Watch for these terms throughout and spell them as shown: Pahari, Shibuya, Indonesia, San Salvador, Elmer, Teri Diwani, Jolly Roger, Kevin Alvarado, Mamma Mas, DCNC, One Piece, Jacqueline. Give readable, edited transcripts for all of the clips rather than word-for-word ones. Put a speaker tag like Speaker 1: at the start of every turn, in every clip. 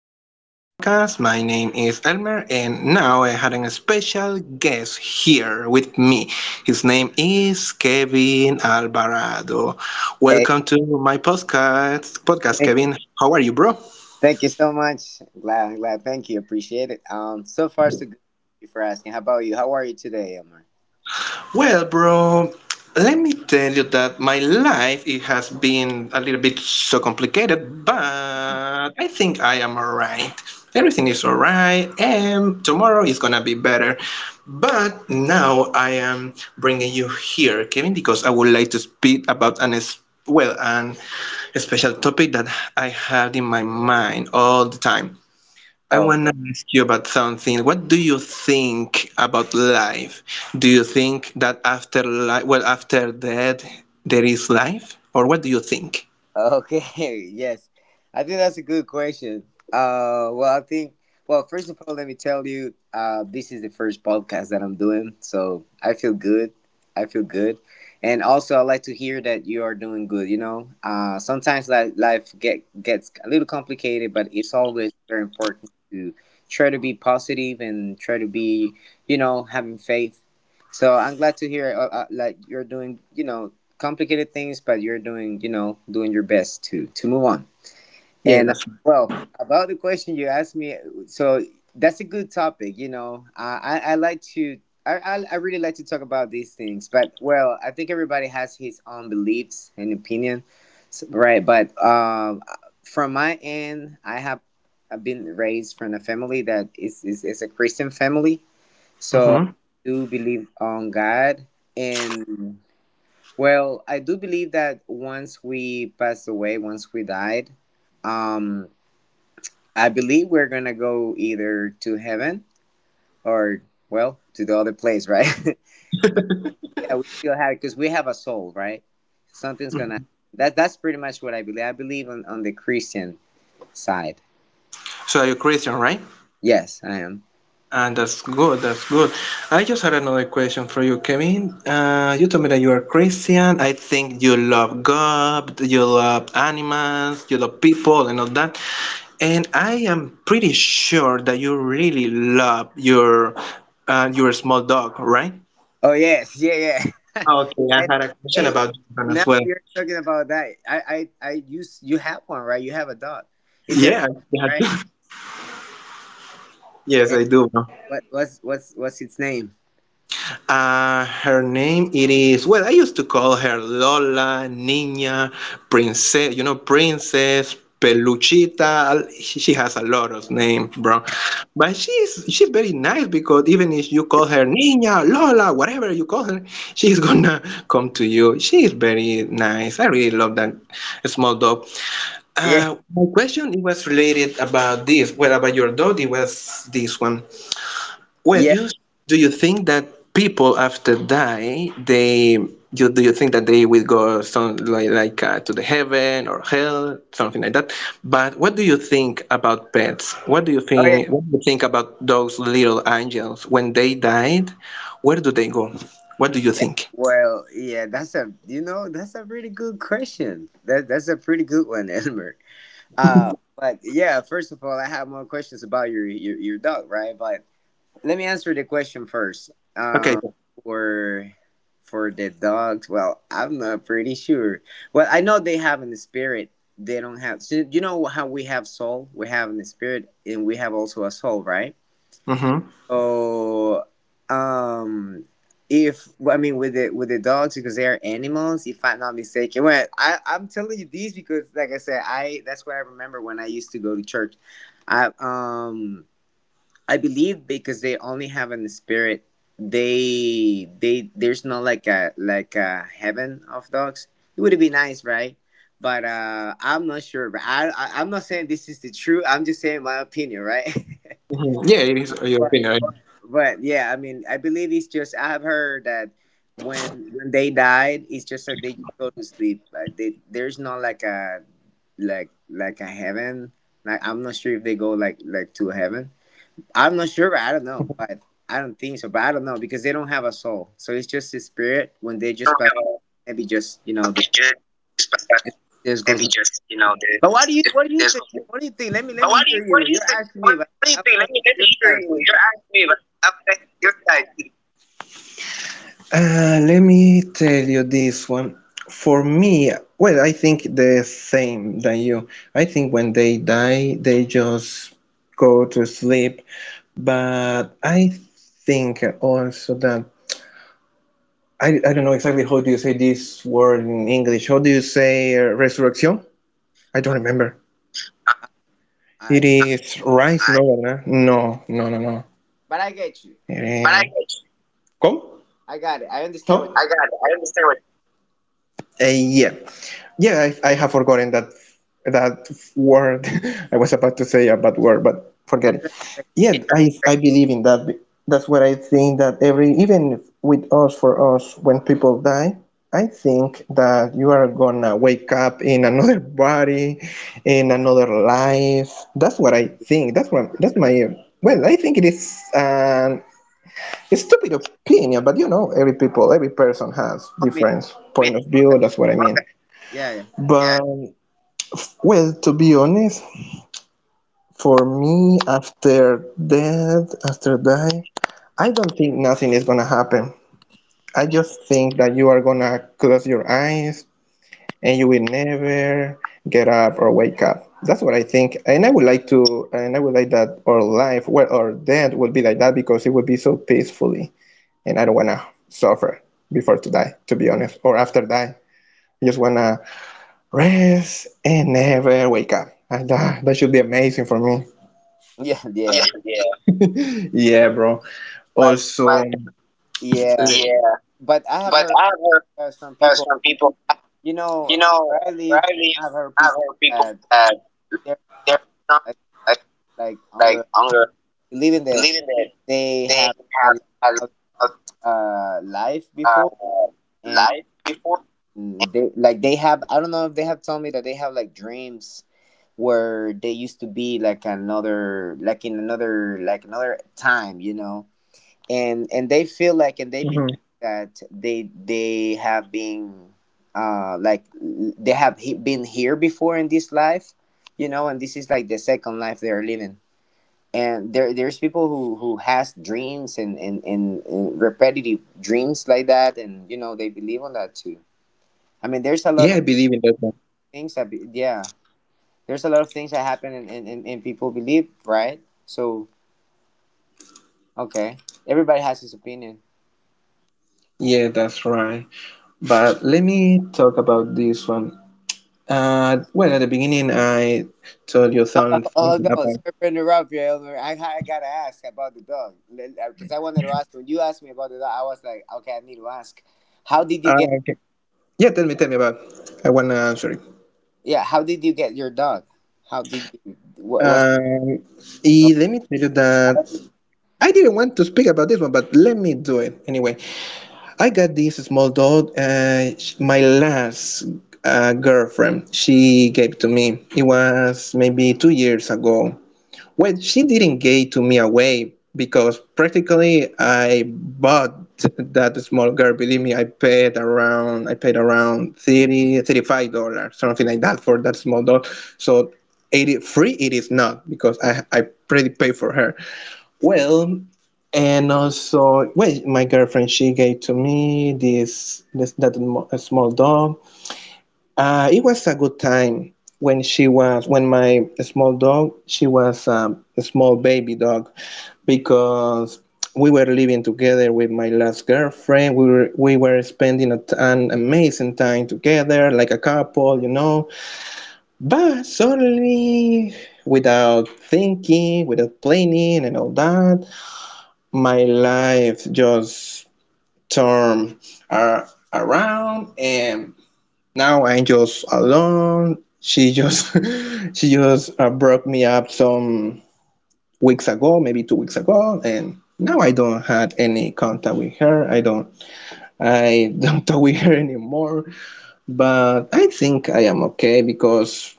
Speaker 1: coming to our podcast. My name is Elmer, and now I had a special guest here with me. His name is Kevin Alvarado.
Speaker 2: Hey,
Speaker 1: Welcome to my podcast,
Speaker 2: thank,
Speaker 1: Kevin. How are you, bro?
Speaker 2: thank you so much. I'm glad. Thank you. Appreciate it. So far so good. Thank you for asking. How about you? How are you today, Elmer?
Speaker 1: Well, bro, let me tell you that my life it has been a little bit so complicated, but
Speaker 2: Mhm.
Speaker 1: I think I am alright. Everything is alright, and tomorrow is gonna be better. But now I am bringing you here, Kevin, because I would like to speak about well, an special topic that I had in my mind all the time. I
Speaker 2: Oh,
Speaker 1: want
Speaker 2: okay.
Speaker 1: to ask you about something. What do you think about life? Do you think that after life, well, after death, there is life, or what do you think?
Speaker 2: Okay, yes. I think that's a good question. Uh, well, I think, First of all, let me tell you, this is the first podcast that I'm doing, so I feel good. I feel good. And also, I like to hear that you are doing good? Sometimes life gets a little complicated, but it's always very important to try to be positive and try to be, having faith. So I'm glad to hear like you're doing complicated things, but you're doing doing your best to move on.
Speaker 1: Yeah,
Speaker 2: And
Speaker 1: that's
Speaker 2: about the question you asked me, so that's a good topic. You know, I like to. I really like to talk about these things, but well, I think everybody has his own beliefs and opinion, so, right? But from my end, I've been raised from a family that is a Christian family,
Speaker 1: right.
Speaker 2: so I do believe on God, and well, I do believe that once we passed away, once we died, um, I believe we're gonna go either to heaven or well to the other place, right? But yeah, we still have because we have a soul, right? Something's gonna. That that's pretty much what I believe. I believe on the Christian side.
Speaker 1: So are you Christian, right?
Speaker 2: Yes, I am.
Speaker 1: And that's good, that's good. I just had another question for you, Kevin. You told me that you are Christian. I think you love God, you love animals, you love people, and all that. And I am pretty sure that you really love your small dog, right?
Speaker 2: Oh yes, yeah, yeah.
Speaker 1: Okay, I
Speaker 2: I,
Speaker 1: had a question
Speaker 2: hey,
Speaker 1: about that one
Speaker 2: now
Speaker 1: as
Speaker 2: that
Speaker 1: well.
Speaker 2: you're talking about that. You have one, right? You have a dog. It's a
Speaker 1: Yeah,
Speaker 2: dog, right?
Speaker 1: yes, I do.
Speaker 2: What's its name?
Speaker 1: Her name it is, well, I used to call her Lola, Niña, Princess, you know, Princess, Peluchita. She has a lot of names, bro. But she's very nice because even if you call her Niña, Lola, whatever you call her, she's gonna come to you. She is very nice. I really love that small dog.
Speaker 2: Yeah,
Speaker 1: My question it was related about this. Well, about your dog, it was this one. Well,
Speaker 2: yeah.
Speaker 1: you do you think that people after die, do you think that they will go some like to the heaven or hell, something like that? But what do you think about pets? What do you
Speaker 2: Oh yeah,
Speaker 1: think? What do you think about those little angels when they died? Where do they go? What do you
Speaker 2: yeah.
Speaker 1: think?
Speaker 2: Well, yeah. That's a that's a really good question. That's a pretty good one, Elmer. Uh, but yeah. First of all, I have more questions about your your dog, right? But let me answer the question first.
Speaker 1: Okay.
Speaker 2: Um, for for the dogs, well, I'm not pretty sure. Well, I know they have an spirit. They don't have. So you know how we have soul, we have a spirit, and we have also a soul, right?
Speaker 1: Mm-hmm.
Speaker 2: So, um, if well, I mean with the dogs because they are animals, if I'm not mistaken, well, I'm telling you these because like I said, I that's what I remember when I used to go to church. I um I believe because they only have in the spirit. They there's not like a heaven of dogs. It would be nice, right? But I'm not sure. But I'm not saying this is the truth. I'm just saying my opinion, right?
Speaker 1: Hmm. Yeah, it is your
Speaker 2: But
Speaker 1: opinion, right?
Speaker 2: but but yeah, I mean, I believe it's just I have heard that when when they died, it's just that they go to sleep. Like they, there's not like a like a heaven. Like I'm not sure if they go like to heaven. I'm not sure. I don't know, but I don't think so. But I don't know because they don't have a soul,
Speaker 1: I
Speaker 2: so
Speaker 1: don't
Speaker 2: it's just a
Speaker 1: have
Speaker 2: spirit. When they just
Speaker 1: a
Speaker 2: pass,
Speaker 1: religious,
Speaker 2: maybe
Speaker 1: but
Speaker 2: just they
Speaker 1: maybe just you
Speaker 2: just,
Speaker 1: know the,
Speaker 2: just goes.
Speaker 1: if there's.
Speaker 2: But what do you
Speaker 1: But why
Speaker 2: think?
Speaker 1: do you?
Speaker 2: What do
Speaker 1: What
Speaker 2: you
Speaker 1: do you
Speaker 2: think?
Speaker 1: think?
Speaker 2: Let
Speaker 1: What
Speaker 2: me hear
Speaker 1: do you
Speaker 2: you.
Speaker 1: think?
Speaker 2: You're
Speaker 1: Let me
Speaker 2: asking
Speaker 1: let
Speaker 2: me,
Speaker 1: me
Speaker 2: but
Speaker 1: hear
Speaker 2: I
Speaker 1: you.
Speaker 2: want to
Speaker 1: You're asking
Speaker 2: hear your
Speaker 1: me, but
Speaker 2: side too.
Speaker 1: I'm asking your side. Let me tell you this one. For me, well, I think the same than you. I think when they die, they just go to sleep. But I think also that I don't know exactly how do you say this word in English. How do you say resurrection? I don't
Speaker 2: I,
Speaker 1: remember.
Speaker 2: I,
Speaker 1: It
Speaker 2: I
Speaker 1: is rise, no, ¿verdad? No, no, no, no.
Speaker 2: I get you.
Speaker 1: But I, Eh, Come?
Speaker 2: I got it. I
Speaker 1: No?
Speaker 2: understand what.
Speaker 1: I got it. I understand what. Eh, yeah, yeah. I have forgotten that word. I was about to say a bad word, but forget
Speaker 2: It's
Speaker 1: it.
Speaker 2: just like
Speaker 1: Yeah, I believe in that. That's what I think, that every even with us for us when people die, I think that you are gonna wake up in another body, in another life. That's what I think. That's my well. I think it is. An. It's stupid opinion, but you know, every people, every person has
Speaker 2: me.
Speaker 1: different point of
Speaker 2: All
Speaker 1: view.
Speaker 2: that.
Speaker 1: That's what I mean.
Speaker 2: Yeah, yeah.
Speaker 1: But well, to be honest, for me, after death, after die, I don't think nothing is gonna happen. I just think that you are gonna close your eyes and you will never get up or wake up. That's what I think, and I would like that our life, well, our death, will be like that because it will be so peacefully, and I don't wanna suffer before to die, to be honest, or after die. I just wanna rest and never wake up. And that should be amazing for me.
Speaker 2: Yeah,
Speaker 1: Yeah, yeah, yeah, bro.
Speaker 2: but
Speaker 1: Also, but
Speaker 2: yeah,
Speaker 1: yeah,
Speaker 2: but I have
Speaker 1: but
Speaker 2: heard
Speaker 1: I've heard
Speaker 2: requests from
Speaker 1: requests
Speaker 2: people.
Speaker 1: from people.
Speaker 2: You know,
Speaker 1: You know,
Speaker 2: where I
Speaker 1: where
Speaker 2: live,
Speaker 1: I live,
Speaker 2: I've heard
Speaker 1: I've
Speaker 2: people
Speaker 1: heard people
Speaker 2: that
Speaker 1: that
Speaker 2: they're strong,
Speaker 1: they're not
Speaker 2: like
Speaker 1: like, like
Speaker 2: hunger,
Speaker 1: hunger,
Speaker 2: believing that
Speaker 1: believing that
Speaker 2: they
Speaker 1: they
Speaker 2: have had
Speaker 1: have
Speaker 2: like,
Speaker 1: a, a, a
Speaker 2: life before,
Speaker 1: life
Speaker 2: and
Speaker 1: before.
Speaker 2: they like they have. I don't know if they have told me that they have like dreams where they used to be like another, like in another, like another time. You know,
Speaker 1: Mhm.
Speaker 2: and they feel like and they believe that they have been like they have been here before in this life, you know, and this is like the second life they're living, and there's people who has dreams and repetitive dreams like that, and you know they believe on that too.
Speaker 1: Yeah, I
Speaker 2: I mean,
Speaker 1: believe in
Speaker 2: there's
Speaker 1: that,
Speaker 2: a
Speaker 1: man.
Speaker 2: lot of things that yeah, there's a lot of things that happen and people believe, right? So okay, everybody has his opinion.
Speaker 1: Yeah, that's right. But let me talk about this one. Well, at the beginning, I told you
Speaker 2: Oh,
Speaker 1: something
Speaker 2: oh no!
Speaker 1: about.
Speaker 2: Sorry for interrupting Elmer. I gotta ask about the dog because I wanted to ask when you asked me about the dog. I was like, okay, I need to ask. How did you get?
Speaker 1: Okay. Yeah, tell me about. I wanna answer it.
Speaker 2: Yeah, how did you get your dog? How did you? What was?
Speaker 1: Um,
Speaker 2: Oh,
Speaker 1: Let me tell you that I didn't want to speak about this one, but let me do it anyway. I got this small dog. My last girlfriend, she gave to me. It was maybe 2 years ago. Well, she didn't give to me away because practically I bought that small girl. Believe me, I paid around thirty five dollars, something like that for that small dog. So it is free, it is not because I pretty paid for her. Well, and also, well, my girlfriend she gave to me this a small dog, it was a good time when she was when my small dog she was a small baby dog, because we were living together with my last girlfriend. We were spending an amazing time together, like a couple. But suddenly, without thinking, without planning, and all that, my life just turned uh, around, and now I'm just alone. She just she just broke me up some weeks ago, maybe 2 weeks ago, and now I don't had any contact with her. I don't I don't talk with her anymore. But I think I am okay because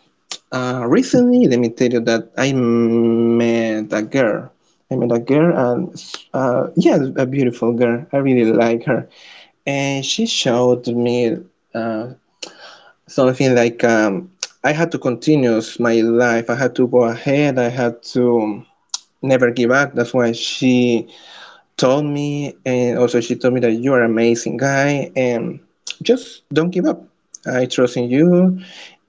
Speaker 1: recently, let me tell you that I met a girl. I met a girl and yeah, a beautiful girl. I really like her, and she showed me uh, something like I had to continue my life. I had to go ahead. I had to never give up. That's why she told me, and also she told me that you are an amazing guy, and just don't give up. I trust in you,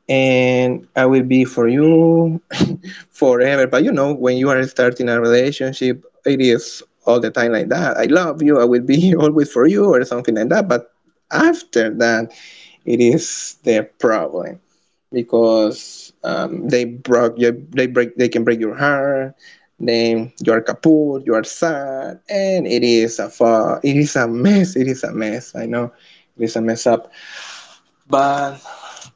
Speaker 1: and I will be for you forever. But when you are starting a relationship, it is all the time like that. I love you. I will be always for you, or something like that. But after that, it is the problem because they broke your, they break they can break your heart. Then you are kaput, you are sad, and it is a mess, I know. It is a mess up, but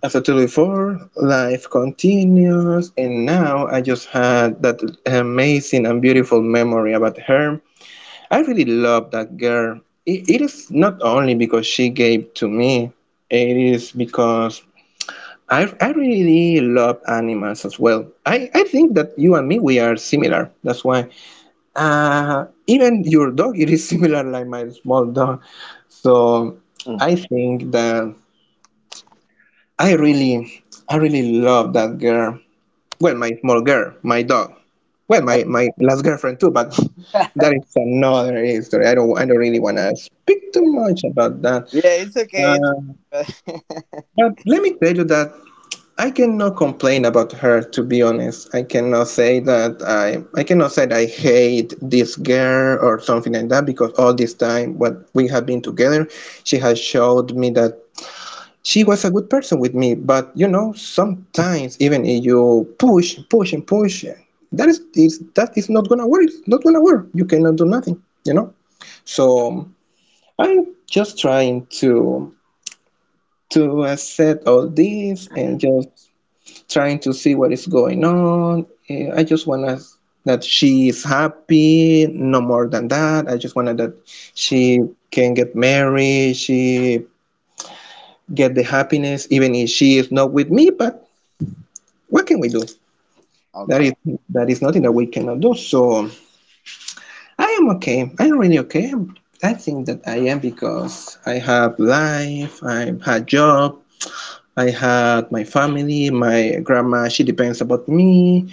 Speaker 1: after 24 life continues. And now I just had that amazing and beautiful memory about her. I really love that girl. It is not only because she gave to me, it is because I really love animals as well. I think that you and me, we are similar. That's why. Even your dog, it is similar like my small dog. So I think that I really, I really love that girl. Well, my small girl, my dog. Well, my last girlfriend too, but that is another history. I don't really want to speak too much about that.
Speaker 2: yeah, it's okay. It's
Speaker 1: Uh,
Speaker 2: okay.
Speaker 1: but let me tell you that I cannot complain about her, to be honest. I cannot say that I hate this girl or something like that, because all this time what we have been together, she has showed me that she was a good person with me. But sometimes even if you push, push and push, that is not gonna work. It's not gonna work. You cannot do nothing, you know? So I'm just trying to accept all this and just trying to see what is going on. I just wanna that she is happy, no more than that. I just wanted that she can get married, she get the happiness, even if she is not with me. But what can we do? That is
Speaker 2: Okay.
Speaker 1: that is nothing that we cannot do. So I am okay. I'm really okay. I think that I am, because I have life, I have job, I had my family, my grandma, she depends about me.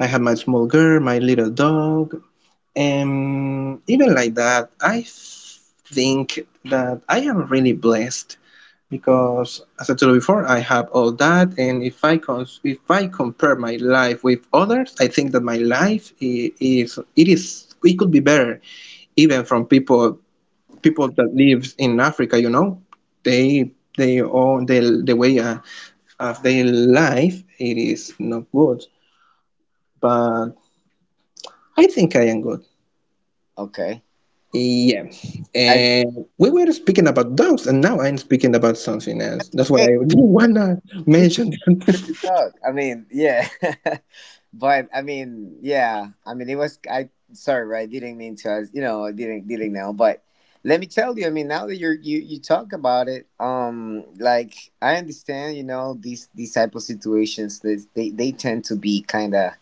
Speaker 1: I have my small girl, my little dog, and even like that, I think that I am really blessed because, as I told you before, I have all that, and if I compare my life with others, I think that my life is it could be better, even from people that lives in Africa. They own the way of their life. It is not good, but I think I am good.
Speaker 2: Okay.
Speaker 1: Yeah,
Speaker 2: I
Speaker 1: and we were speaking about dogs, and now I'm speaking about something else. That's what
Speaker 2: Okay.
Speaker 1: I didn't wanna mention.
Speaker 2: Free to talk. I mean, yeah, but I mean, yeah. I mean, it was. I Sorry, I didn't mean to. I, you know, I didn't know. But let me tell you. I mean, now that you talk about it, like I understand. You know, these type of situations. They tend to be kind of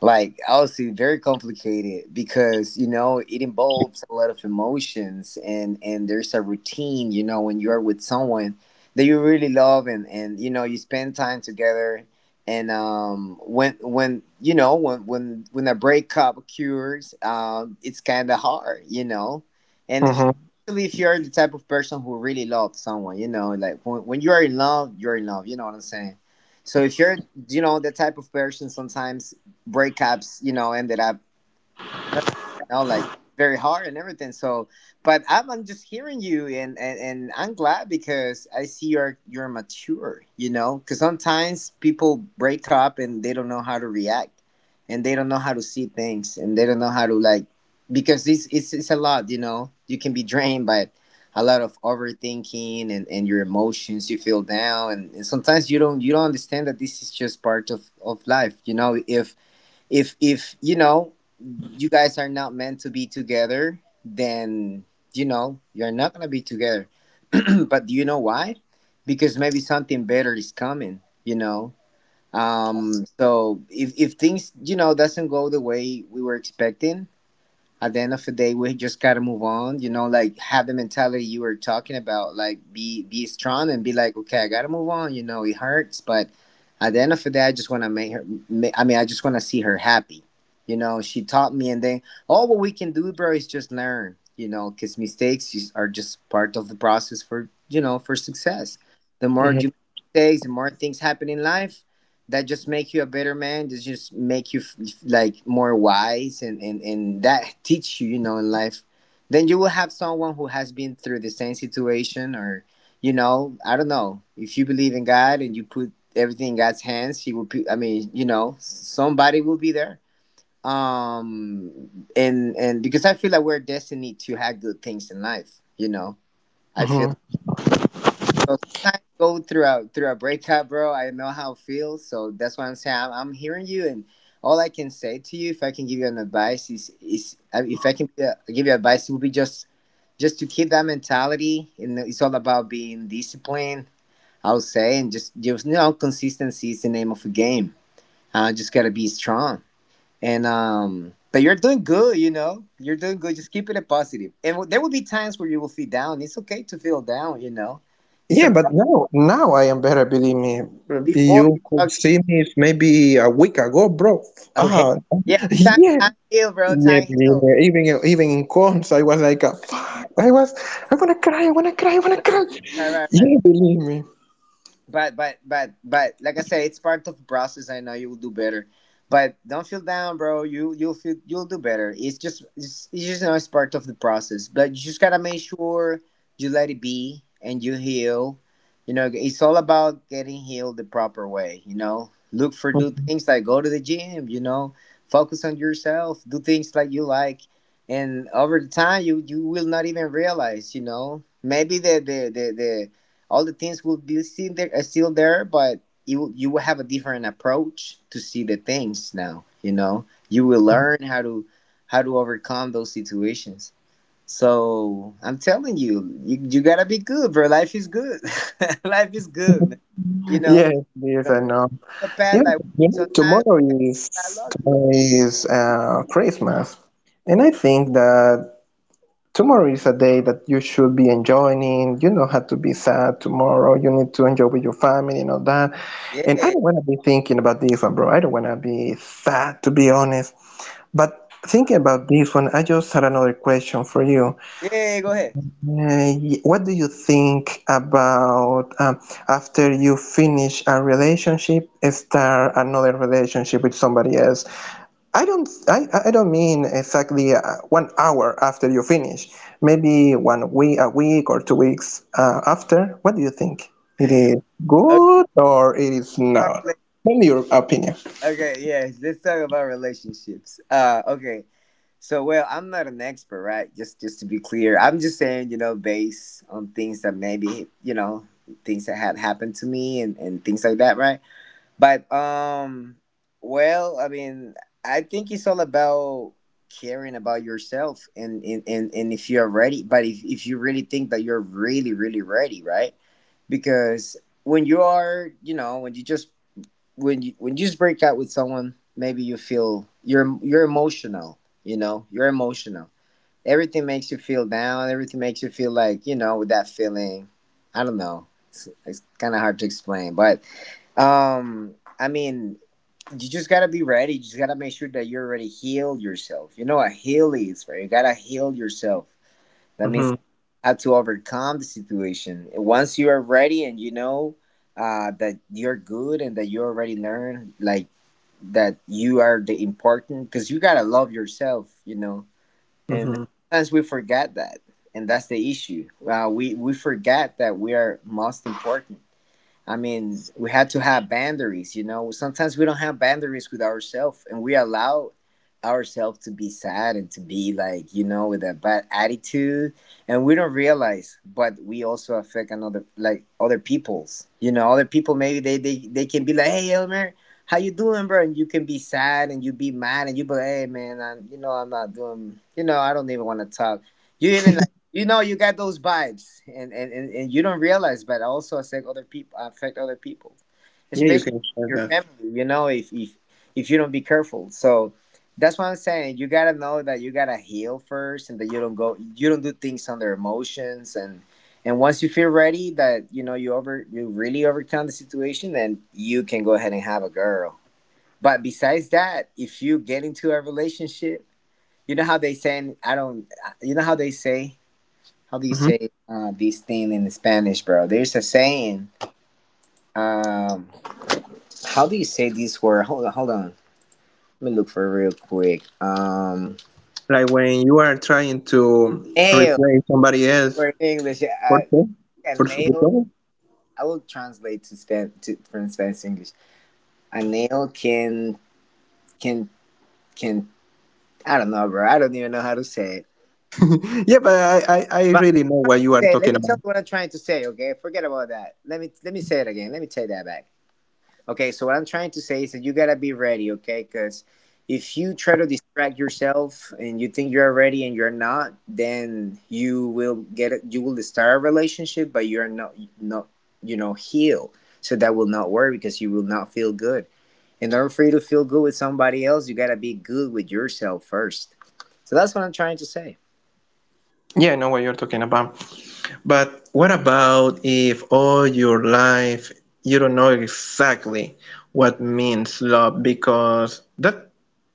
Speaker 2: like obviously very complicated because you know it involves a lot of emotions, and there's a routine, you know, when you're with someone that you really love, and you know you spend time together, and when when when a breakup occurs, it's kind of hard, you know, and
Speaker 1: Mm-hmm.
Speaker 2: especially if you're the type of person who really loves someone, you know, like when you're in love, you're in love, you know what I'm saying? So if you're, you know, the type of person sometimes breakups, you know, ended up, hurt, you know, like very hard and everything. So, I'm just hearing you, and and I'm glad because I see you're mature, you know, because sometimes people break up and they don't know how to react, and they don't know how to see things, and they don't know how to like, because this it's a lot, you know. You can be drained by a lot of overthinking and your emotions, you feel down, and sometimes you don't understand that this is just part of life, you know. If if you know you guys are not meant to be together, then you know you're not gonna be together. But do you know why? Because maybe something better is coming, you know. um so if things, you know, doesn't go the way we were expecting, at the end of the day we just gotta move on, you know, like have the mentality you were talking about, like be strong and be like, okay, I gotta move on, you know. It hurts, but at the end of the day I just want to make her I mean I just want to see her happy, you know. She taught me and then all what we can do, bro, is just learn, you know, because are just part of the process for, you know, for success. The more
Speaker 1: Mm-hmm.
Speaker 2: you make mistakes, the more things happen in life that just make you a better man, that just make you like more wise, and, and that teach you, you know, in life. Then you will have someone who has been through the same situation, or you know, I don't know if you believe in God, and you put everything in God's hands, he will put, I mean, you know, somebody will be there, um and because I feel like we're destined to have good things in life, you know, I feel.
Speaker 1: Mm-hmm.
Speaker 2: So sometimes go through a breakup, bro. I know how it feels, so that's why I'm saying I'm hearing you, and all I can say to you, if I can give you an advice, is if I can be give you advice, it would be just to keep that mentality, and it's all about being disciplined. I'll say, and just you know, consistency is the name of the game. Just gotta be strong, and But you're doing good, you know. You're doing good. Just keep it a positive. And there will be times where you will feel down. It's okay to feel down, you know. It's
Speaker 1: Yeah,
Speaker 2: a
Speaker 1: but now, I am better. Believe me,
Speaker 2: before
Speaker 1: you
Speaker 2: you
Speaker 1: could
Speaker 2: talk to.
Speaker 1: see me maybe a week ago, bro.
Speaker 2: Okay.
Speaker 1: Ah,
Speaker 2: Yeah, it's
Speaker 1: yeah,
Speaker 2: time heal, bro.
Speaker 1: yeah,
Speaker 2: Time
Speaker 1: believe
Speaker 2: heal.
Speaker 1: me. Even in cons, I was like, ah, fuck. I wanna cry, I wanna cry, I wanna cry.
Speaker 2: Right.
Speaker 1: Yeah, believe me.
Speaker 2: But like I said, it's part of process. I know you will do better, but don't feel down, bro. You'll feel you'll do better. It's just it's part of the process, but you just gotta make sure you let it be and you heal. It's all about getting healed the proper way. Look for do things like go to the gym. Focus on yourself. Do things like you like. And over the time, you will not even realize. Maybe the all the things will be still there, but you will have a different approach to see the things now. You will learn how to overcome those situations. So I'm telling you, you gotta be good, bro. Life is good. Life is good, man. You know,
Speaker 1: Yes, yes, I
Speaker 2: sometimes
Speaker 1: know.
Speaker 2: the path
Speaker 1: Yeah,
Speaker 2: like
Speaker 1: yeah.
Speaker 2: sometimes we got lucky.
Speaker 1: Tomorrow is Christmas, and I think that tomorrow is a day that you should be enjoying. You don't have to be sad tomorrow. You need to enjoy with your family and all that. And I
Speaker 2: Yeah,
Speaker 1: don't want to be thinking about this one, bro. I don't want to be sad, to be honest. But thinking about this one, I just had another question for you.
Speaker 2: yeah. Go ahead.
Speaker 1: What do you think about after you finish a relationship, start another relationship with somebody else? I don't mean exactly 1 hour after you finish. Maybe a week or 2 weeks after. What do you think? It is
Speaker 2: Okay,
Speaker 1: good or it is
Speaker 2: about
Speaker 1: not?
Speaker 2: rela-
Speaker 1: Tell me your opinion.
Speaker 2: okay, yeah. Let's talk about relationships. Okay. So, well, I'm not an expert, right? Just to be clear, I'm just saying, based on things that maybe, things that had happened to me and things like that, right? But well, I mean, I think it's all about caring about yourself and if you're ready, but if you really think that you're really really ready, right? Because when you are, when you just break out with someone, maybe you feel you're emotional. You're emotional. Everything makes you feel down. Everything makes you feel like with that feeling. I don't know. It's kind of hard to explain, but I mean, you just gotta be ready. You just gotta make sure that you're already healed yourself. You know what heal is, right? You gotta heal yourself. That means
Speaker 1: Mm-hmm,
Speaker 2: you have to overcome the situation. Once you are ready and you know that you're good, and that you already learned, like that you are the important, because you gotta love yourself and
Speaker 1: mm-hmm.
Speaker 2: sometimes we forget that, and that's the issue. We forget that we are most important. I mean, we had to have boundaries. Sometimes we don't have boundaries with ourselves, and we allow ourselves to be sad and to be like, with a bad attitude, and we don't realize, but we also affect another, like, other people's. Other people, maybe they can be like, "Hey, Elmer, how you doing, bro?" And you can be sad, and you be mad, and you be like, "Hey, man, I'm not doing, I don't even wanna talk." You even you know you got those vibes, and you don't realize, but also affect other people, affect other people,
Speaker 1: Yeah, you
Speaker 2: especially
Speaker 1: can share
Speaker 2: your
Speaker 1: that.
Speaker 2: family, if you don't be careful. So that's what I'm saying. You gotta know that you gotta heal first, and that you don't do things under emotions. And once you feel ready, that you know you over you really overcome the situation, then you can go ahead and have a girl. But besides that, if you get into a relationship, you know how they say, I don't you know how they say, how do you
Speaker 1: Hmm.
Speaker 2: say this thing in Spanish, bro? There's a saying. Um, how do you say this word? Hold on, hold on. Let me look for it real quick. Um,
Speaker 1: Like when you are trying to
Speaker 2: nail
Speaker 1: replace somebody else.
Speaker 2: for English.
Speaker 1: What
Speaker 2: Uh,
Speaker 1: for?
Speaker 2: a
Speaker 1: For
Speaker 2: nail.
Speaker 1: Sugoto?
Speaker 2: I will translate to span to from Spanish to English. A nail can can can. I don't know, bro. I don't even know how to say it.
Speaker 1: Yeah, but I
Speaker 2: But
Speaker 1: really know what you are
Speaker 2: let
Speaker 1: talking
Speaker 2: me tell
Speaker 1: about.
Speaker 2: you what I'm trying to say. Okay, forget about that. Let me say it again. Let me take that back. Okay, so what I'm trying to say is that you gotta be ready, okay? Because if you try to distract yourself and you think you're ready and you're not, then you will get it. You will start a relationship, but you're not heal. So that will not work, because you will not feel good. In order for you to feel good with somebody else, you gotta be good with yourself first. So that's what I'm trying to say.
Speaker 1: Yeah, I know what you're talking about. But what about if all your life you don't know exactly what means love? Because that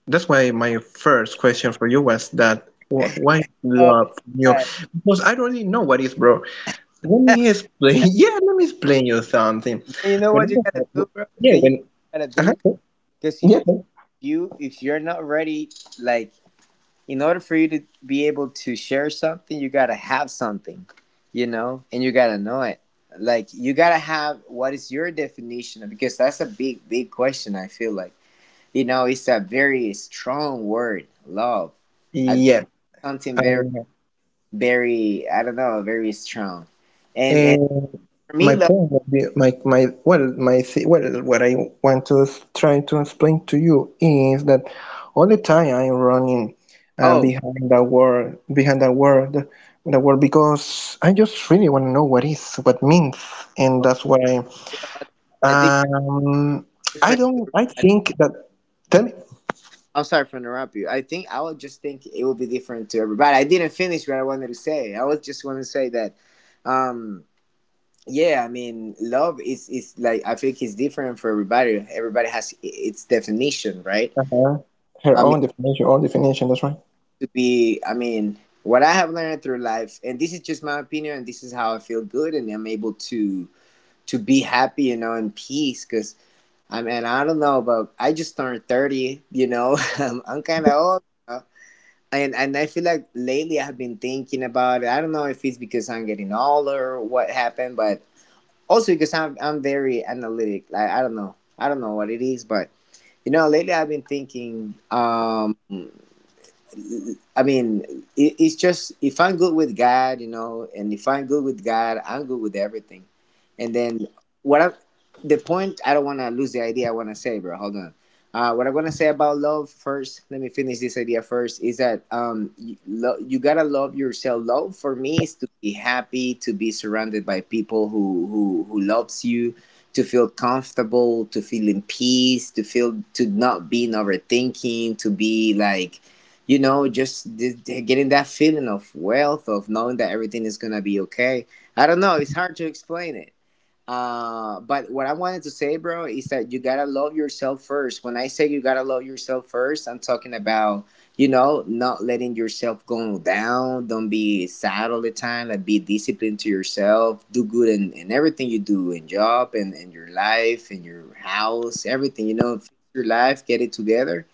Speaker 1: that's why my first question for you was that why is
Speaker 2: Oh,
Speaker 1: love from you?
Speaker 2: God.
Speaker 1: Because I don't really know what is, bro. Let me explain. Yeah, let me explain you something.
Speaker 2: Then you know what
Speaker 1: When
Speaker 2: you
Speaker 1: I
Speaker 2: gotta do,
Speaker 1: was,
Speaker 2: bro?
Speaker 1: yeah,
Speaker 2: Then you
Speaker 1: when
Speaker 2: know what you gotta
Speaker 1: uh
Speaker 2: do, because if
Speaker 1: yeah,
Speaker 2: if you if you're not ready, like in order for you to be able to share something, you gotta have something, and you gotta know it. Like, you gotta have, what is your definition of? Because that's a big, big question. I feel like it's a very strong word, love. I
Speaker 1: yeah.
Speaker 2: Something
Speaker 1: I
Speaker 2: very, very, I don't know, very strong. And
Speaker 1: And
Speaker 2: for me,
Speaker 1: my
Speaker 2: love.
Speaker 1: point would be my my well my thi- well what I want to try to explain to you is that all the time I'm running
Speaker 2: Oh,
Speaker 1: behind the world, the world, because I just really want to know what is what means. And
Speaker 2: okay.
Speaker 1: that's why
Speaker 2: I think you're
Speaker 1: um I
Speaker 2: different.
Speaker 1: don't, I think that. Tell me.
Speaker 2: I'm sorry for interrupting you. I think I would just think it will be different to everybody. I didn't finish what I wanted to say. I was just want to say that, um, yeah, I mean, love is like I think it's different for everybody. Everybody has its definition, right?
Speaker 1: Uh-huh. Her
Speaker 2: I mean,
Speaker 1: own definition, that's right.
Speaker 2: I mean, what I have learned through life, and this is just my opinion, and this is how I feel good, and I'm able to be happy, in peace, because I mean, I don't know, but I just turned 30, I'm kind of old. And I feel like lately I've been thinking about it. I don't know if it's because I'm getting older or what happened, but also because I'm very analytic. Like, I don't know what it is, but lately I've been thinking. I mean, it's just if I'm good with God, and if I'm good with God, I'm good with everything. And then what I, the point, I don't want to lose the idea I want to say, bro. Hold on. What I want to say about love first, let me finish this idea first, is that you gotta love yourself. Love for me is to be happy, to be surrounded by people who loves you, to feel comfortable, to feel in peace, to not being overthinking, to be like, just getting that feeling of wealth, of knowing that everything is gonna be okay. I don't know, it's hard to explain it, but what I wanted to say, bro, is that you gotta love yourself first. When I say you gotta love yourself first, I'm talking about not letting yourself go down. Don't be sad all the time. Like, be disciplined to yourself. Do good in everything you do, in job and in your life, in your house, everything. Fix your life, get it together,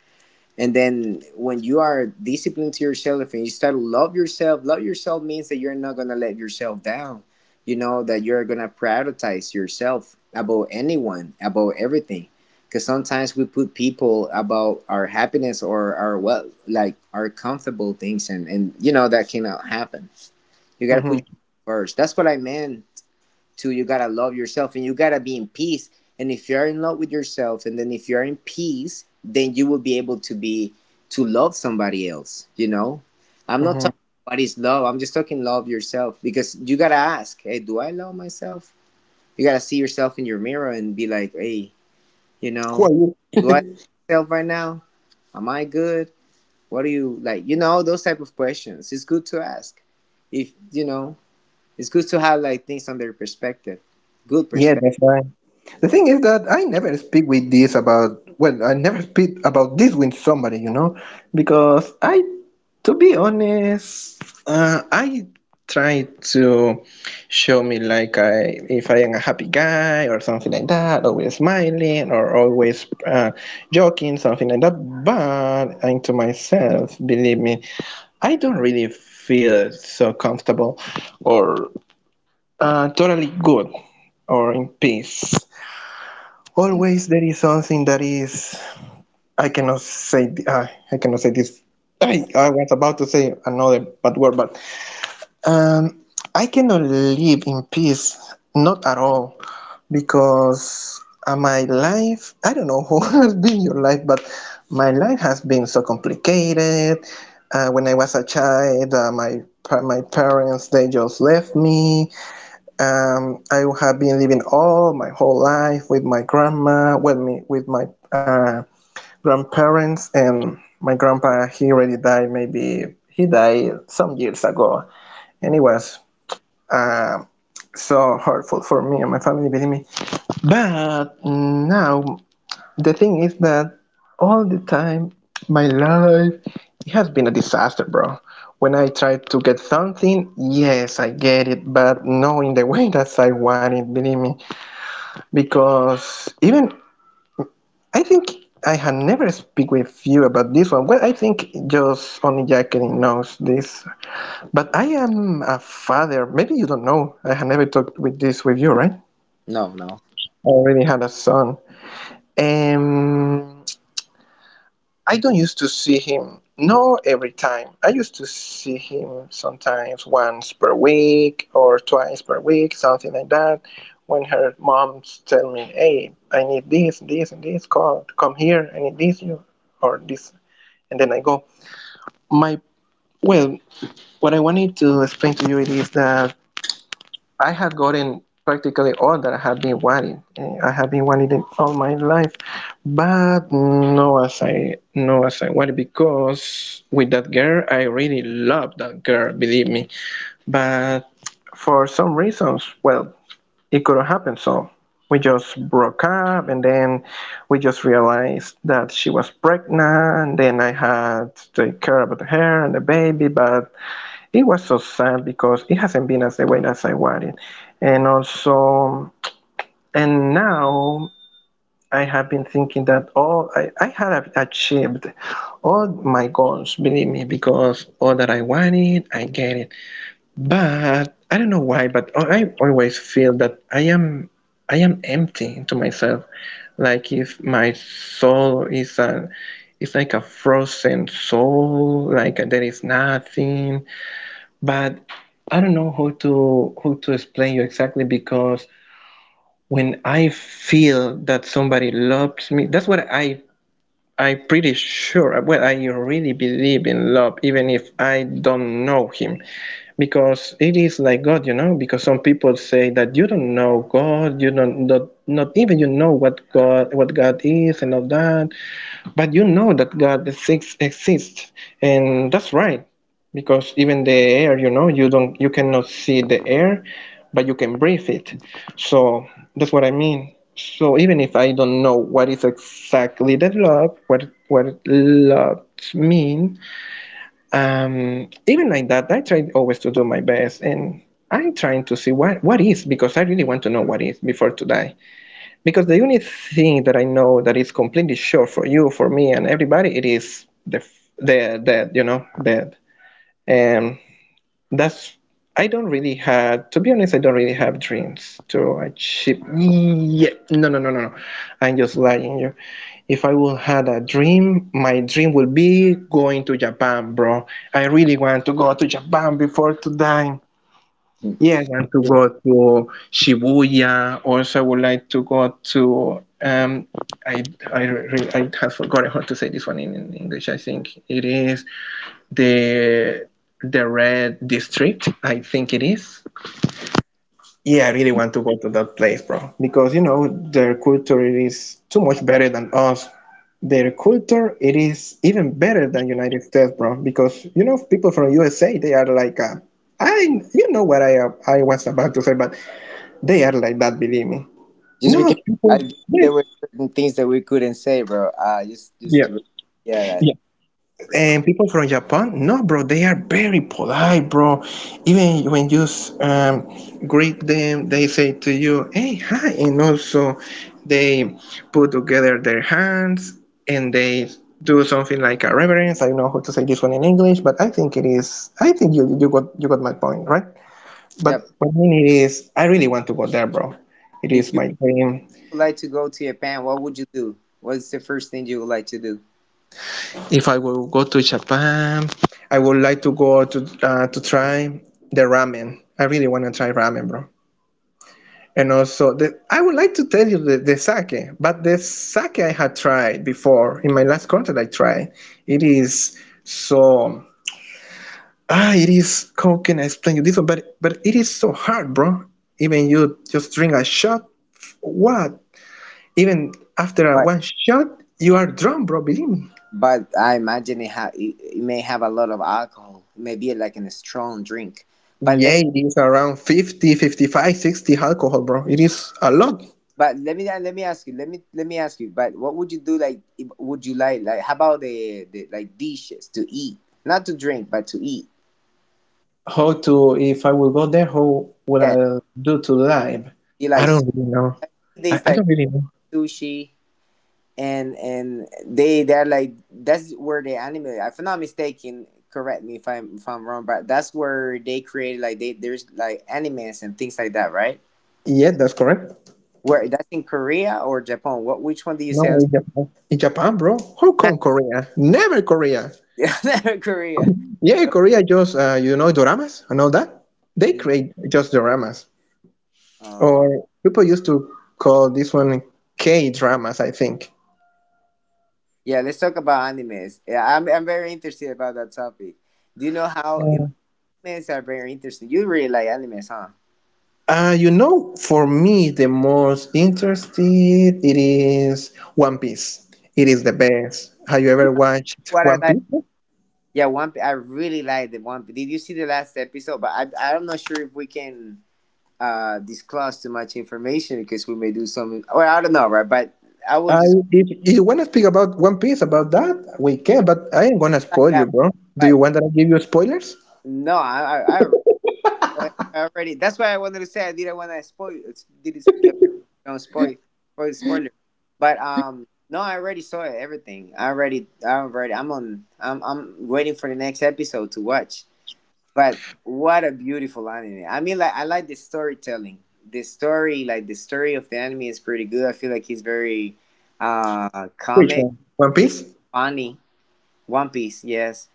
Speaker 2: and then when you are disciplined to yourself and you start to love yourself means that you're not gonna let yourself down. You know that you're gonna prioritize yourself above anyone, above everything. Because sometimes we put people about our happiness or our, well, like our comfortable things, and you know that cannot happen. You gotta put yourself
Speaker 1: Mm-hmm,
Speaker 2: first. That's what I meant. Two, you gotta love yourself, and you gotta be in peace. And if you're in love with yourself, and then if you're in peace, then you will be able to be to love somebody else, you know? I'm not
Speaker 1: mm-hmm.
Speaker 2: talking what is love, I'm just talking love yourself, because you gotta ask, "Hey, do I love myself?" You gotta see yourself in your mirror and be like, "Hey, you
Speaker 1: Who
Speaker 2: know,
Speaker 1: are you?
Speaker 2: do I love myself right now? Am I good? What do you like?" Those type of questions. It's good to ask. If you know, it's good to have, like, things under perspective, good
Speaker 1: Yeah,
Speaker 2: perspective.
Speaker 1: that's right. The thing is that I never speak with this about, well, I never speak about this with somebody, you know, because I, to be honest, I try to show me like I, if I am a happy guy or something like that, always smiling or always joking, something like that. But and to myself, believe me, I don't really feel so comfortable or totally good or in peace. Always there is something that is I cannot say I cannot say this. I was about to say another bad word, but um, I cannot live in peace, not at all, because my life. I don't know who has been your life, but my life has been so complicated. When I was a child, my parents, they just left me. I have been living all my whole life with my grandma, with me, with my grandparents, and my grandpa. He already died. Maybe he died some years ago, and it was uh, so hurtful for me and my family. Believe me. But now the thing is that all the time my life, it has been a disaster, bro. When I try to get something, yes, I get it, but not in the way that I want it. Believe me, because even I think I had never speak with you about this one. Well, I think just only Jacqueline knows this. But I am a father. Maybe you don't know. I had never talked with this with you, right? I
Speaker 2: No, no.
Speaker 1: already had a son. Um, I don't used to see him, no every time. I used to see him sometimes once per week or twice per week, something like that. When her moms tell me, "Hey, I need this, this, and this. Call, come here. I need this, you, or this," and then I go. My well, what I wanted to explain to you it is that I had gotten practically all that I had been wanting. Eh, I had been wanting it all my life, but no as I no as I wanted, because with that girl, I really loved that girl, believe me. But for some reasons, well, it couldn't happen. So we just broke up, and then we just realized that she was pregnant. And then I had to take care about her and the baby, but it was so sad because it hasn't been as the way as I wanted. And also, and now I have been thinking that all I had achieved all my goals, believe me, because all that I wanted, I get it. But I don't know why, but I always feel that I am empty to myself. Like if my soul is a it's like a frozen soul, like there is nothing, but I don't know how to explain you exactly, because when I feel that somebody loves me, that's what I'm pretty sure. Well, I really believe in love, even if I don't know Him, because it is like God, you know. Because some people say that you don't know God, you don't not, not even you know what God is and all that, but you know that God the six exists, and that's right, because even the air, you know, you don't, you cannot see the air, but you can breathe it. So that's what I mean. So even if I don't know what is exactly the love, what love mean, even like that, I try always to do my best, and I'm trying to see what is, because I really want to know what is before to die. Because the only thing that I know that is completely sure for you, for me, and everybody, it is the dead. You know, dead. And that's I don't really have. To be honest, I don't really have dreams to achieve. Yeah, no, no, no, no, no. I'm just lying. You. If I will had a dream, my dream will be going to Japan, bro. I really want to go to Japan before to die. Yeah, I want to go to Shibuya. Also, I would like to go to I I have forgotten how to say this one in English. I think it is the the Red District. I think it is. Yeah, I really want to go to that place, bro, because you know their culture it is too much better than us. Their culture it is even better than United States, bro, because you know people from USA they are like I you know what I was about to say, but they are like that, believe me.
Speaker 2: Just
Speaker 1: No,
Speaker 2: because I
Speaker 1: people. Yeah.
Speaker 2: there were certain things that we couldn't say, bro. Just
Speaker 1: Yeah.
Speaker 2: to, yeah, that I
Speaker 1: Yeah.
Speaker 2: forgot.
Speaker 1: And people from Japan, no, bro, they are very polite, bro. Even when you um, greet them, they say to you, hey, hi. And also, they put together their hands and they do something like a reverence. I don't know how to say this one in English, but I think it is, I think got, you got my point, right?
Speaker 2: Yep.
Speaker 1: But what I mean it is, I really want to go there, bro. It is
Speaker 2: If you
Speaker 1: my dream.
Speaker 2: would like to go to Japan, what would you do? What's the first thing you would like to do?
Speaker 1: If I will go to Japan, I would like to go to try the ramen. I really want to try ramen, bro. And also, I would like to tell you the sake, but the sake I had tried before in my last contact I tried, it is so ah, it is. How can I explain you this one? But it is so hard, bro. Even you just drink a shot, what? Even after a
Speaker 2: But
Speaker 1: one shot, you are drunk, bro. Believe me.
Speaker 2: but I imagine it, it may have a lot of alcohol. It may be like in a strong drink. But
Speaker 1: Yeah,
Speaker 2: let me
Speaker 1: it is around 50, 55, 60 alcohol, bro. It is a lot.
Speaker 2: but let me ask you. Let me ask you. But what would you do? Like, would you like how about the like dishes, to eat, not to drink, but to eat?
Speaker 1: How to, if I will go there, how will
Speaker 2: Yeah,
Speaker 1: I do to live?
Speaker 2: you
Speaker 1: I
Speaker 2: like.
Speaker 1: don't really know. I,
Speaker 2: This
Speaker 1: I
Speaker 2: like
Speaker 1: don't really know.
Speaker 2: sushi, and they're like, that's where they anime. If I'm not mistaken, correct me if I'm wrong, but that's where they created, like, they there's like animes and things like that, right,
Speaker 1: Yeah, that's correct.
Speaker 2: where that's in Korea or Japan, what which one do you
Speaker 1: No,
Speaker 2: say? I'm
Speaker 1: in Japan. In Japan, bro. How come Korea? Never Korea.
Speaker 2: sorry. Korea.
Speaker 1: Yeah,
Speaker 2: Okay.
Speaker 1: Korea just, you know, doramas and all that. They
Speaker 2: Mm,
Speaker 1: create just doramas.
Speaker 2: uh,
Speaker 1: Or people used to call this one K-dramas, I think.
Speaker 2: yeah, let's talk about animes. Yeah, I'm very interested about that topic. Do you know how animes are very interesting? You really like animes, huh?
Speaker 1: You know, for me, the most interesting it is One Piece. It is the best. Have you
Speaker 2: You
Speaker 1: ever
Speaker 2: know
Speaker 1: watched
Speaker 2: what I
Speaker 1: One Piece?
Speaker 2: like? Yeah, one. P- I really like the one. P- Did you see the last episode? But I'm not sure if we can disclose too much information because we may do some. Well, I don't know, right? But I will
Speaker 1: I,
Speaker 2: just
Speaker 1: if you want to speak about One Piece, about that, we can, but I ain't gonna
Speaker 2: like
Speaker 1: spoil you,
Speaker 2: that.
Speaker 1: bro. Do you
Speaker 2: But
Speaker 1: want that I give you spoilers?
Speaker 2: no, I already. That's why I wanted to say I didn't want to spoil. Did it get no spoil? Spoiler. But no, I already saw everything. I already. I'm on. I'm waiting for the next episode to watch. But what a beautiful anime. I mean, like I like the storytelling. The story, like the story of the anime, is pretty good. I feel like he's very
Speaker 1: Which
Speaker 2: comic,
Speaker 1: one? One
Speaker 2: you know,
Speaker 1: Piece?
Speaker 2: funny. One Piece, yes,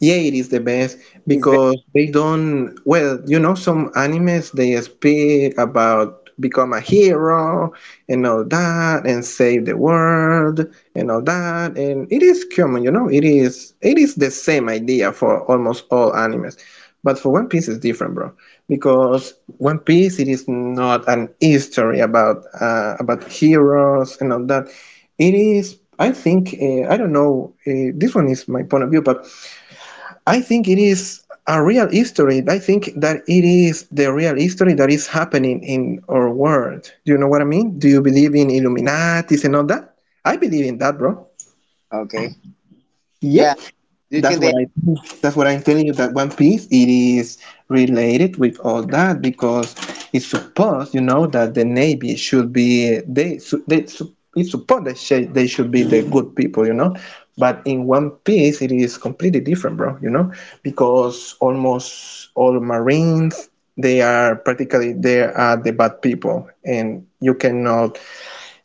Speaker 1: Yeah, it is the best
Speaker 2: it's very
Speaker 1: because they don't, well, you know, some animes they speak about become a hero and all that and save the world and all that, and it is common, you know, it is the same idea for almost all animes. But for One Piece it's different, bro, because One Piece it is not an history about heroes and all that. It is, I think, I don't know, this one is my point of view, but I think it is a real history. I think that it is the real history that is happening in our world. Do you know what I mean? Do you believe in Illuminatis and all that? I believe in that, bro.
Speaker 2: okay.
Speaker 1: Yep.
Speaker 2: Yeah, do you
Speaker 1: That's
Speaker 2: think
Speaker 1: what
Speaker 2: they
Speaker 1: I'm telling you, that One Piece it is related with all that, because it's supposed you know that the Navy should be, it's supposed that they should be the good people, you know, but in One Piece it is completely different, bro, you know, because almost all Marines, they are practically they are the bad people, and you cannot,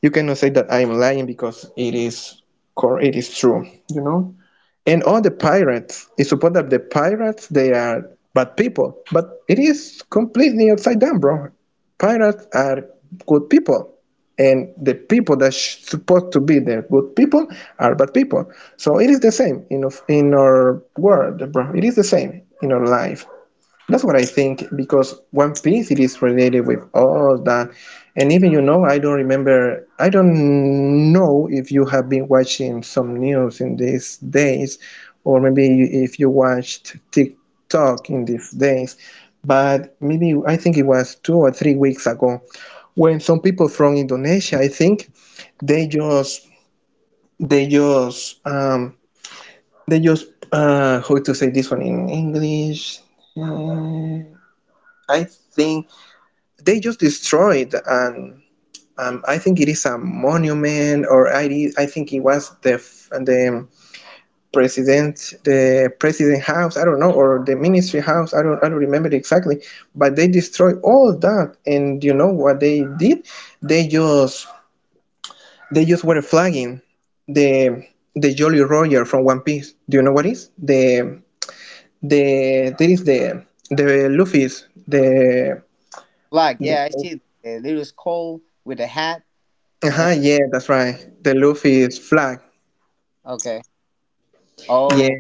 Speaker 1: you cannot say that I'm lying because it is core. It is true, you know. And all the pirates, it's supposed that the pirates they are bad people, but it is completely upside down, bro. Pirates are good people, and the people that supposed to be the good people are bad people. So it is the same in in our world, bro. It is the same in our life. That's what I think, because One Piece it is related with all that. And even, you know, I don't know if you have been watching some news in these days, or maybe if you watched TikTok in these days, but maybe I think it was 2 or 3 weeks ago when some people from Indonesia, I think they just they just um they just how to say this one in English. Mm, I think they just destroyed and I think it is a monument, or I think it was the the the president house, I don't know, or the ministry house, I don't remember exactly, but they destroyed all that. And you know what they did? they just they just were flagging the the Jolly Roger from One Piece. Do you know what is the, there is the Luffy's, the,
Speaker 2: black?
Speaker 1: the
Speaker 2: Yeah, I see the little skull with a hat and
Speaker 1: Uh-huh, yeah, that's right. The Luffy's flag.
Speaker 2: okay.
Speaker 1: Yeah.
Speaker 2: Oh,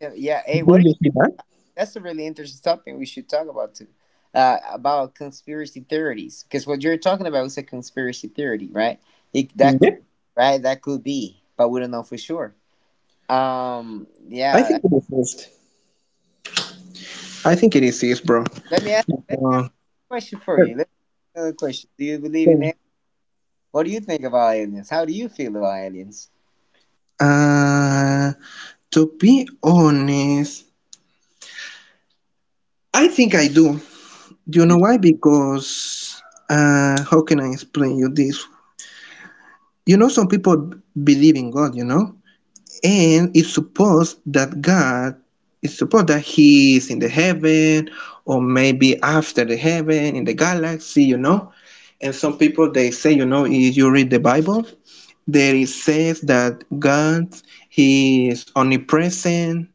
Speaker 2: yeah. Yeah. Hey,
Speaker 1: Didn't
Speaker 2: what
Speaker 1: you see that?
Speaker 2: that's a really interesting topic we should talk about too. About conspiracy theories, because what you're talking about is a conspiracy theory, right? It, that could,
Speaker 1: Yep.
Speaker 2: right? That could be, but we don't know for sure.
Speaker 1: I
Speaker 2: Yeah.
Speaker 1: think it exists. I think it exists, bro.
Speaker 2: Let me ask. Let me ask
Speaker 1: Uh,
Speaker 2: a question for you. Let me ask another question. Do you believe in it? What do you think about aliens? How do you feel about aliens?
Speaker 1: uh, to be honest, I think I do. Do you
Speaker 2: You
Speaker 1: know
Speaker 2: do?
Speaker 1: why? Because, how can I explain you this? You know, some people believe in God, you know? And it's supposed that God, it's supposed that he is in the heaven, or maybe after the heaven in the galaxy, you know. And some people they say, you know, if you read the Bible, there it says that God he is omnipresent.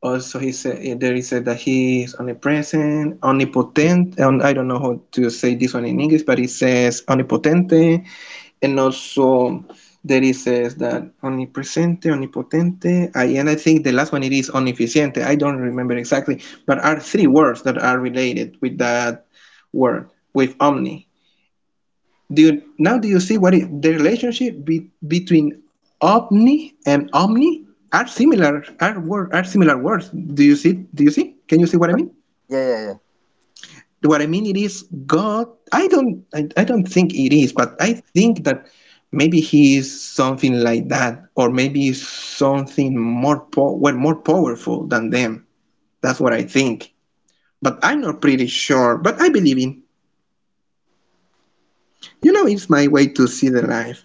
Speaker 1: Also, he said there it says that he is omnipresent, omnipotent, and I don't know how to say this one in English, but it says omnipotent, and also there is says that omnipresente, omnipotente, and I think the last one it is omnificiente. I don't remember exactly, but are three words that are related with that word, with omni. Do you now do you see what is the relationship between omni and omni, are similar, are similar words. Do you see, do you see? Can you see what I mean?
Speaker 2: Yeah, yeah, yeah.
Speaker 1: What I mean it is God. I don't. I don't think it is,
Speaker 2: Well,
Speaker 1: but I think that maybe he is something like that, or maybe is something more well, more powerful than them. That's what I think. But I'm not pretty sure. But I believe in. You know, it's my way to see the life.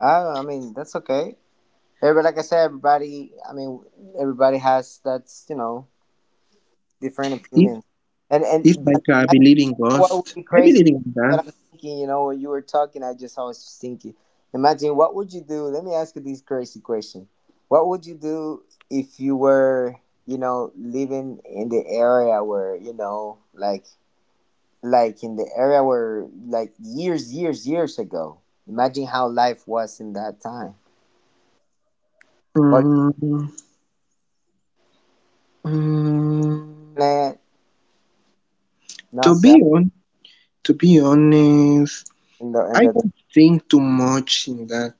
Speaker 2: I mean, that's okay. Everybody, like I said, everybody. I mean, everybody has that's you know different
Speaker 1: It's
Speaker 2: opinions, and
Speaker 1: it's like a
Speaker 2: but
Speaker 1: believing
Speaker 2: what would
Speaker 1: ghost.
Speaker 2: be
Speaker 1: I
Speaker 2: crazy
Speaker 1: believe in
Speaker 2: that
Speaker 1: that.
Speaker 2: I'm thinking, you know, when you were talking, I was just thinking. Imagine what would you do? Let me ask you this crazy question. What would you do if you were, you know, living in the area where, you know, like in the area where like years, years, years ago. Imagine how life was in that time. Or
Speaker 1: Mm, mm,
Speaker 2: internet,
Speaker 1: to
Speaker 2: no
Speaker 1: be
Speaker 2: cell
Speaker 1: on, to be honest,
Speaker 2: in the
Speaker 1: I don't think too much in that.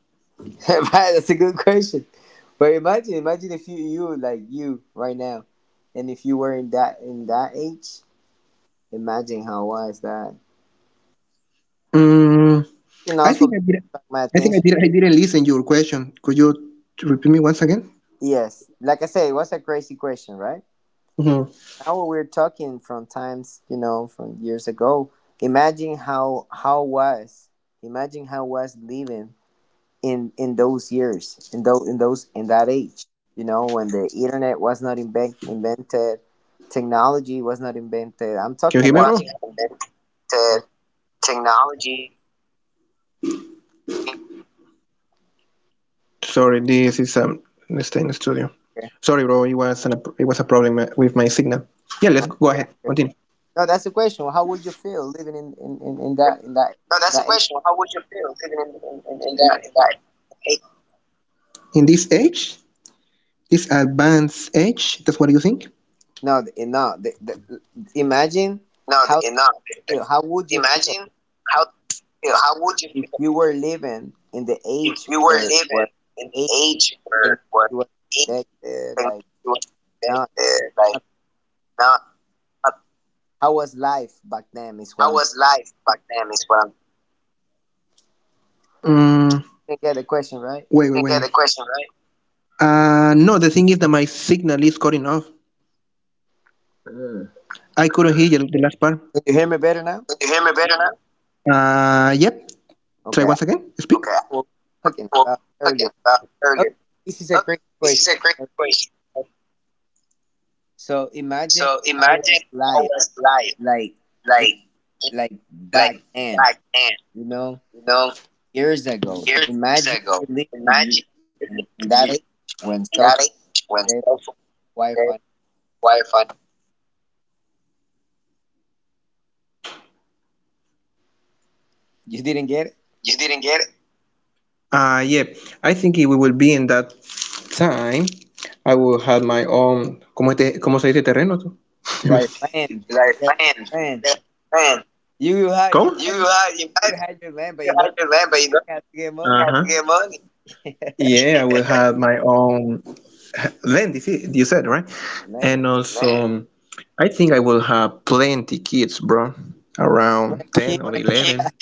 Speaker 2: right, that's a good question. But imagine, imagine if you you like you right now, and if you were in that age, imagine how was that.
Speaker 1: Mm,
Speaker 2: And
Speaker 1: I think
Speaker 2: also
Speaker 1: I didn't.
Speaker 2: got my
Speaker 1: I think I
Speaker 2: attention.
Speaker 1: didn't. I didn't listen your question. Could you repeat me once again?
Speaker 2: Yes, like I say, it was a crazy question, right?
Speaker 1: Hmm.
Speaker 2: Now we're talking from times, you know, from years ago. Imagine how was, imagine how was living in those years in that age, you know, when the internet was not invent,
Speaker 1: Can you hear me, once, bro?
Speaker 2: invented,
Speaker 1: Once again, the
Speaker 2: technology was not invented. I'm talking
Speaker 1: technology.
Speaker 2: about
Speaker 1: Sorry, this is let's stay in the studio. Sorry, bro. It was a problem with my
Speaker 2: okay.
Speaker 1: signal. Yeah, let's go ahead. Continue.
Speaker 2: No, that's the question. How would you
Speaker 1: No, that's the
Speaker 2: feel living
Speaker 1: question. How would you
Speaker 2: in
Speaker 1: feel
Speaker 2: that
Speaker 1: living
Speaker 2: that
Speaker 1: in
Speaker 2: age?
Speaker 1: that? In that age? In this age, this advanced age, that's what you think?
Speaker 2: No, in- no, the,
Speaker 1: Not enough.
Speaker 2: imagine how
Speaker 1: Imagine
Speaker 2: you feel, how
Speaker 1: how
Speaker 2: would you feel
Speaker 1: how would you feel
Speaker 2: if you were
Speaker 1: if
Speaker 2: living
Speaker 1: you
Speaker 2: in
Speaker 1: were
Speaker 2: the
Speaker 1: living
Speaker 2: age
Speaker 1: in the
Speaker 2: where
Speaker 1: age
Speaker 2: age
Speaker 1: where
Speaker 2: technology was
Speaker 1: anything was
Speaker 2: invented like
Speaker 1: expected,
Speaker 2: no
Speaker 1: like not
Speaker 2: how was life back
Speaker 1: how
Speaker 2: then
Speaker 1: was
Speaker 2: is what I'm
Speaker 1: life back then, is what I'm. Mm,
Speaker 2: You get the question
Speaker 1: wait, wait, you wait. The question, right? No, the thing is that my signal is cutting off.
Speaker 2: right?
Speaker 1: I couldn't hear you, the last part. Do
Speaker 2: You hear me better now?
Speaker 1: you hear me better now? Yep.
Speaker 2: Okay. I
Speaker 1: Try once again. Speak. Okay.
Speaker 2: was talking about
Speaker 1: Well,
Speaker 2: earlier.
Speaker 1: okay, uh,
Speaker 2: Okay,
Speaker 1: earlier.
Speaker 2: this is a great
Speaker 1: Oh,
Speaker 2: question.
Speaker 1: this is a great question.
Speaker 2: So imagine how
Speaker 1: So
Speaker 2: was
Speaker 1: imagine
Speaker 2: life
Speaker 1: how was
Speaker 2: like
Speaker 1: life
Speaker 2: in
Speaker 1: like
Speaker 2: like back
Speaker 1: like
Speaker 2: then,
Speaker 1: back
Speaker 2: you
Speaker 1: then,
Speaker 2: know,
Speaker 1: you know,
Speaker 2: years ago. Imagine
Speaker 1: years
Speaker 2: you lived
Speaker 1: ago.
Speaker 2: in, the-
Speaker 1: Imagine you
Speaker 2: in
Speaker 1: lived,
Speaker 2: that age when
Speaker 1: in
Speaker 2: cell
Speaker 1: that
Speaker 2: phone
Speaker 1: age when
Speaker 2: had
Speaker 1: cell phone there,
Speaker 2: Wi-Fi.
Speaker 1: Wi-Fi.
Speaker 2: You didn't get it.
Speaker 1: You didn't get it. Yeah, I think it will be in that time. I will have my own. ¿Cómo, te, cómo se dice terreno tú?
Speaker 2: Like land,
Speaker 1: Like
Speaker 2: yeah,
Speaker 1: man,
Speaker 2: land.
Speaker 1: man, man.
Speaker 2: You had
Speaker 1: ¿Cómo? You
Speaker 2: imagine
Speaker 1: have,
Speaker 2: you
Speaker 1: imagine
Speaker 2: had your land, but
Speaker 1: you
Speaker 2: you don't
Speaker 1: have your land, but you don't
Speaker 2: have to get money.
Speaker 1: have to. Ajá. Get money. Yeah, I will have my own. Lent, is you said, right? And
Speaker 2: Land,
Speaker 1: also, right, I think I will have plenty kids, bro, around
Speaker 2: land, kid.
Speaker 1: 10 or what, 11.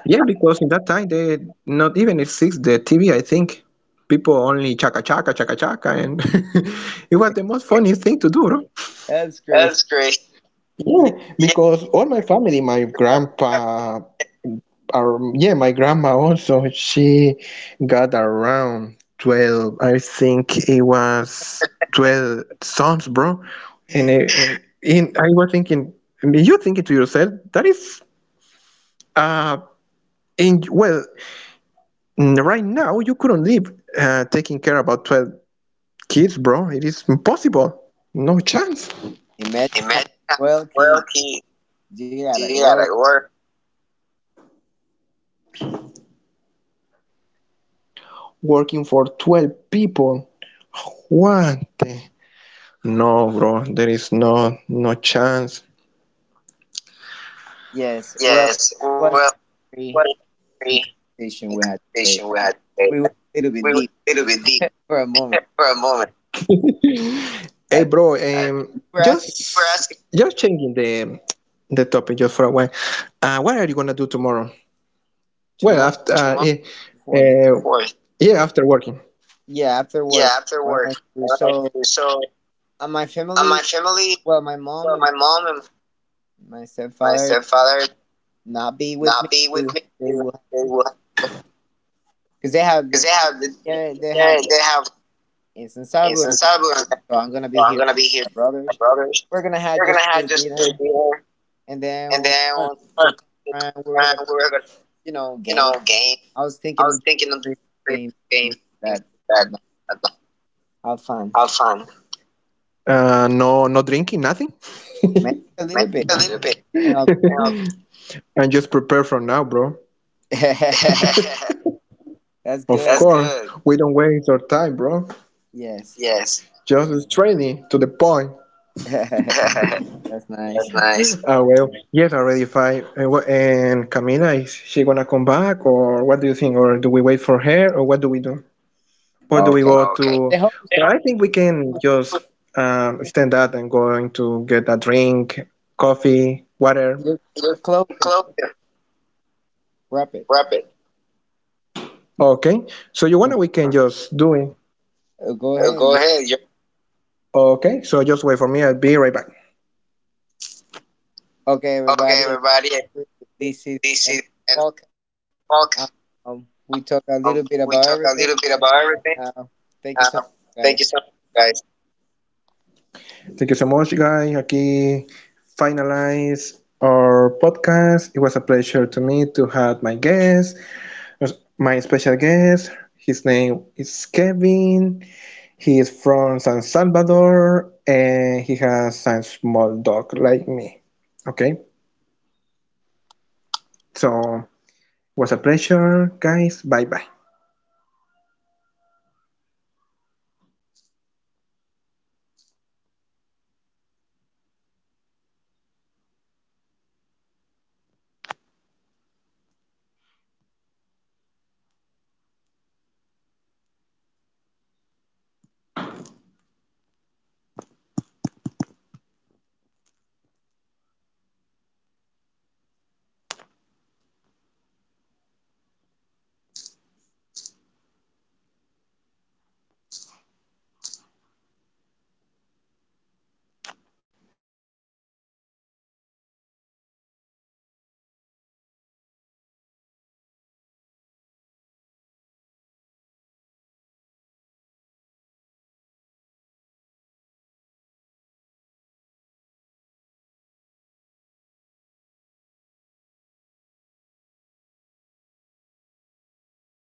Speaker 1: Yeah, because in that time, they not even exist the TV, I think. People only chaka chaka chaka chaka, and it was the most funniest thing to do, bro.
Speaker 2: That's crazy.
Speaker 1: That's great. Yeah,
Speaker 2: Yeah.
Speaker 1: yeah, because all my family, my grandpa, or yeah, my grandma also, she got around 12. I think it was 12 sons, bro. And, and I was thinking, you thinking to yourself, that is, uh, well, mm, right now you couldn't live taking care about 12 kids, bro. It is impossible. No chance.
Speaker 2: Imagine how
Speaker 1: Imagine how well
Speaker 2: wealthy
Speaker 1: he
Speaker 2: you gotta
Speaker 1: did at
Speaker 2: work.
Speaker 1: work. Working for 12 people. What the? No, bro. There is no chance.
Speaker 2: Yes, well,
Speaker 1: Yes,
Speaker 2: it was
Speaker 1: well, what
Speaker 2: very
Speaker 1: a free
Speaker 2: in
Speaker 1: in
Speaker 2: conversation we had
Speaker 1: conversation
Speaker 2: today.
Speaker 1: we had today.
Speaker 2: We went a little
Speaker 1: We
Speaker 2: bit
Speaker 1: were
Speaker 2: deep
Speaker 1: a little bit deep
Speaker 2: for a moment.
Speaker 1: for a moment. Hey,
Speaker 2: I think
Speaker 1: bro,
Speaker 2: you were
Speaker 1: you were
Speaker 2: asking
Speaker 1: just asking, just changing the topic just for a while. What are you gonna do tomorrow? Well,
Speaker 2: tomorrow,
Speaker 1: after tomorrow,
Speaker 2: the 4th.
Speaker 1: yeah, fourth. Yeah, after working.
Speaker 2: Yeah, after work,
Speaker 1: Yeah, after
Speaker 2: what am
Speaker 1: work.
Speaker 2: I to do? So,
Speaker 1: Uh, So,
Speaker 2: my
Speaker 1: my
Speaker 2: family,
Speaker 1: family,
Speaker 2: well, my mom
Speaker 1: well,
Speaker 2: and
Speaker 1: my mom and
Speaker 2: my
Speaker 1: my
Speaker 2: stepfather
Speaker 1: stepfather,
Speaker 2: not be with
Speaker 1: not
Speaker 2: me.
Speaker 1: be with me. They
Speaker 2: They will
Speaker 1: will,
Speaker 2: because they have
Speaker 1: cause they have,
Speaker 2: yeah they have
Speaker 1: they have
Speaker 2: it's in
Speaker 1: in.
Speaker 2: Salvador, so I'm gonna be
Speaker 1: So I'm
Speaker 2: here with
Speaker 1: gonna be here
Speaker 2: my
Speaker 1: with my
Speaker 2: brothers.
Speaker 1: brothers.
Speaker 2: We're gonna have
Speaker 1: They're
Speaker 2: just
Speaker 1: gonna
Speaker 2: a
Speaker 1: have
Speaker 2: little
Speaker 1: just to
Speaker 2: dinner.
Speaker 1: be here.
Speaker 2: And then
Speaker 1: And
Speaker 2: when
Speaker 1: then
Speaker 2: summer
Speaker 1: when
Speaker 2: will come
Speaker 1: we
Speaker 2: around, we're gonna,
Speaker 1: were gonna,
Speaker 2: you know,
Speaker 1: you know,
Speaker 2: game.
Speaker 1: game.
Speaker 2: I was
Speaker 1: I
Speaker 2: thinking
Speaker 1: was
Speaker 2: of
Speaker 1: thinking of
Speaker 2: Christmas games,
Speaker 1: game
Speaker 2: things like
Speaker 1: things
Speaker 2: that. I'd
Speaker 1: like
Speaker 2: like-
Speaker 1: that,
Speaker 2: Have fun,
Speaker 1: have fun. No, no drinking, nothing,
Speaker 2: maybe a little bit.
Speaker 1: a little bit.
Speaker 2: Maybe
Speaker 1: You
Speaker 2: I'll-
Speaker 1: know. And just prepare for now, bro.
Speaker 2: That's
Speaker 1: Of that's
Speaker 2: good.
Speaker 1: course, good, we don't waste our time, bro.
Speaker 2: Yes,
Speaker 1: Yes. Just straight to the point. That's
Speaker 2: that's nice.
Speaker 1: nice. Ah, well, yes, already five. And, and Camila, is she gonna come back, or what do you think, or do we wait for her, or what do we do? Or do we go,
Speaker 2: Okay,
Speaker 1: okay, to?
Speaker 2: the host,
Speaker 1: Well, I think we can just stand up and going to get a drink, coffee, water.
Speaker 2: you're getting
Speaker 1: Just
Speaker 2: close.
Speaker 1: close it.
Speaker 2: Wrap it.
Speaker 1: Wrap it. Okay. So you wanna, we can just do it.
Speaker 2: Go ahead.
Speaker 1: Go
Speaker 2: You're,
Speaker 1: ahead. You okay? So just wait for me. I'll be right back.
Speaker 2: okay,
Speaker 1: Okay,
Speaker 2: everybody.
Speaker 1: everybody.
Speaker 2: This is
Speaker 1: This is
Speaker 2: and
Speaker 1: and
Speaker 2: podcast.
Speaker 1: talk.
Speaker 2: We talked a
Speaker 1: We
Speaker 2: little
Speaker 1: talk
Speaker 2: bit
Speaker 1: a little
Speaker 2: about
Speaker 1: bit about
Speaker 2: everything.
Speaker 1: everything.
Speaker 2: Uh,
Speaker 1: Uh,
Speaker 2: Thank you so much,
Speaker 1: thank you so much,
Speaker 2: guys.
Speaker 1: guys. Thank you so much, guys. Aquí finalize our podcast. It was a pleasure to me to have my guest, my special guest. His name is Kevin. He is from San Salvador and he has a small dog like me. Okay, so it was a pleasure, guys. Bye bye.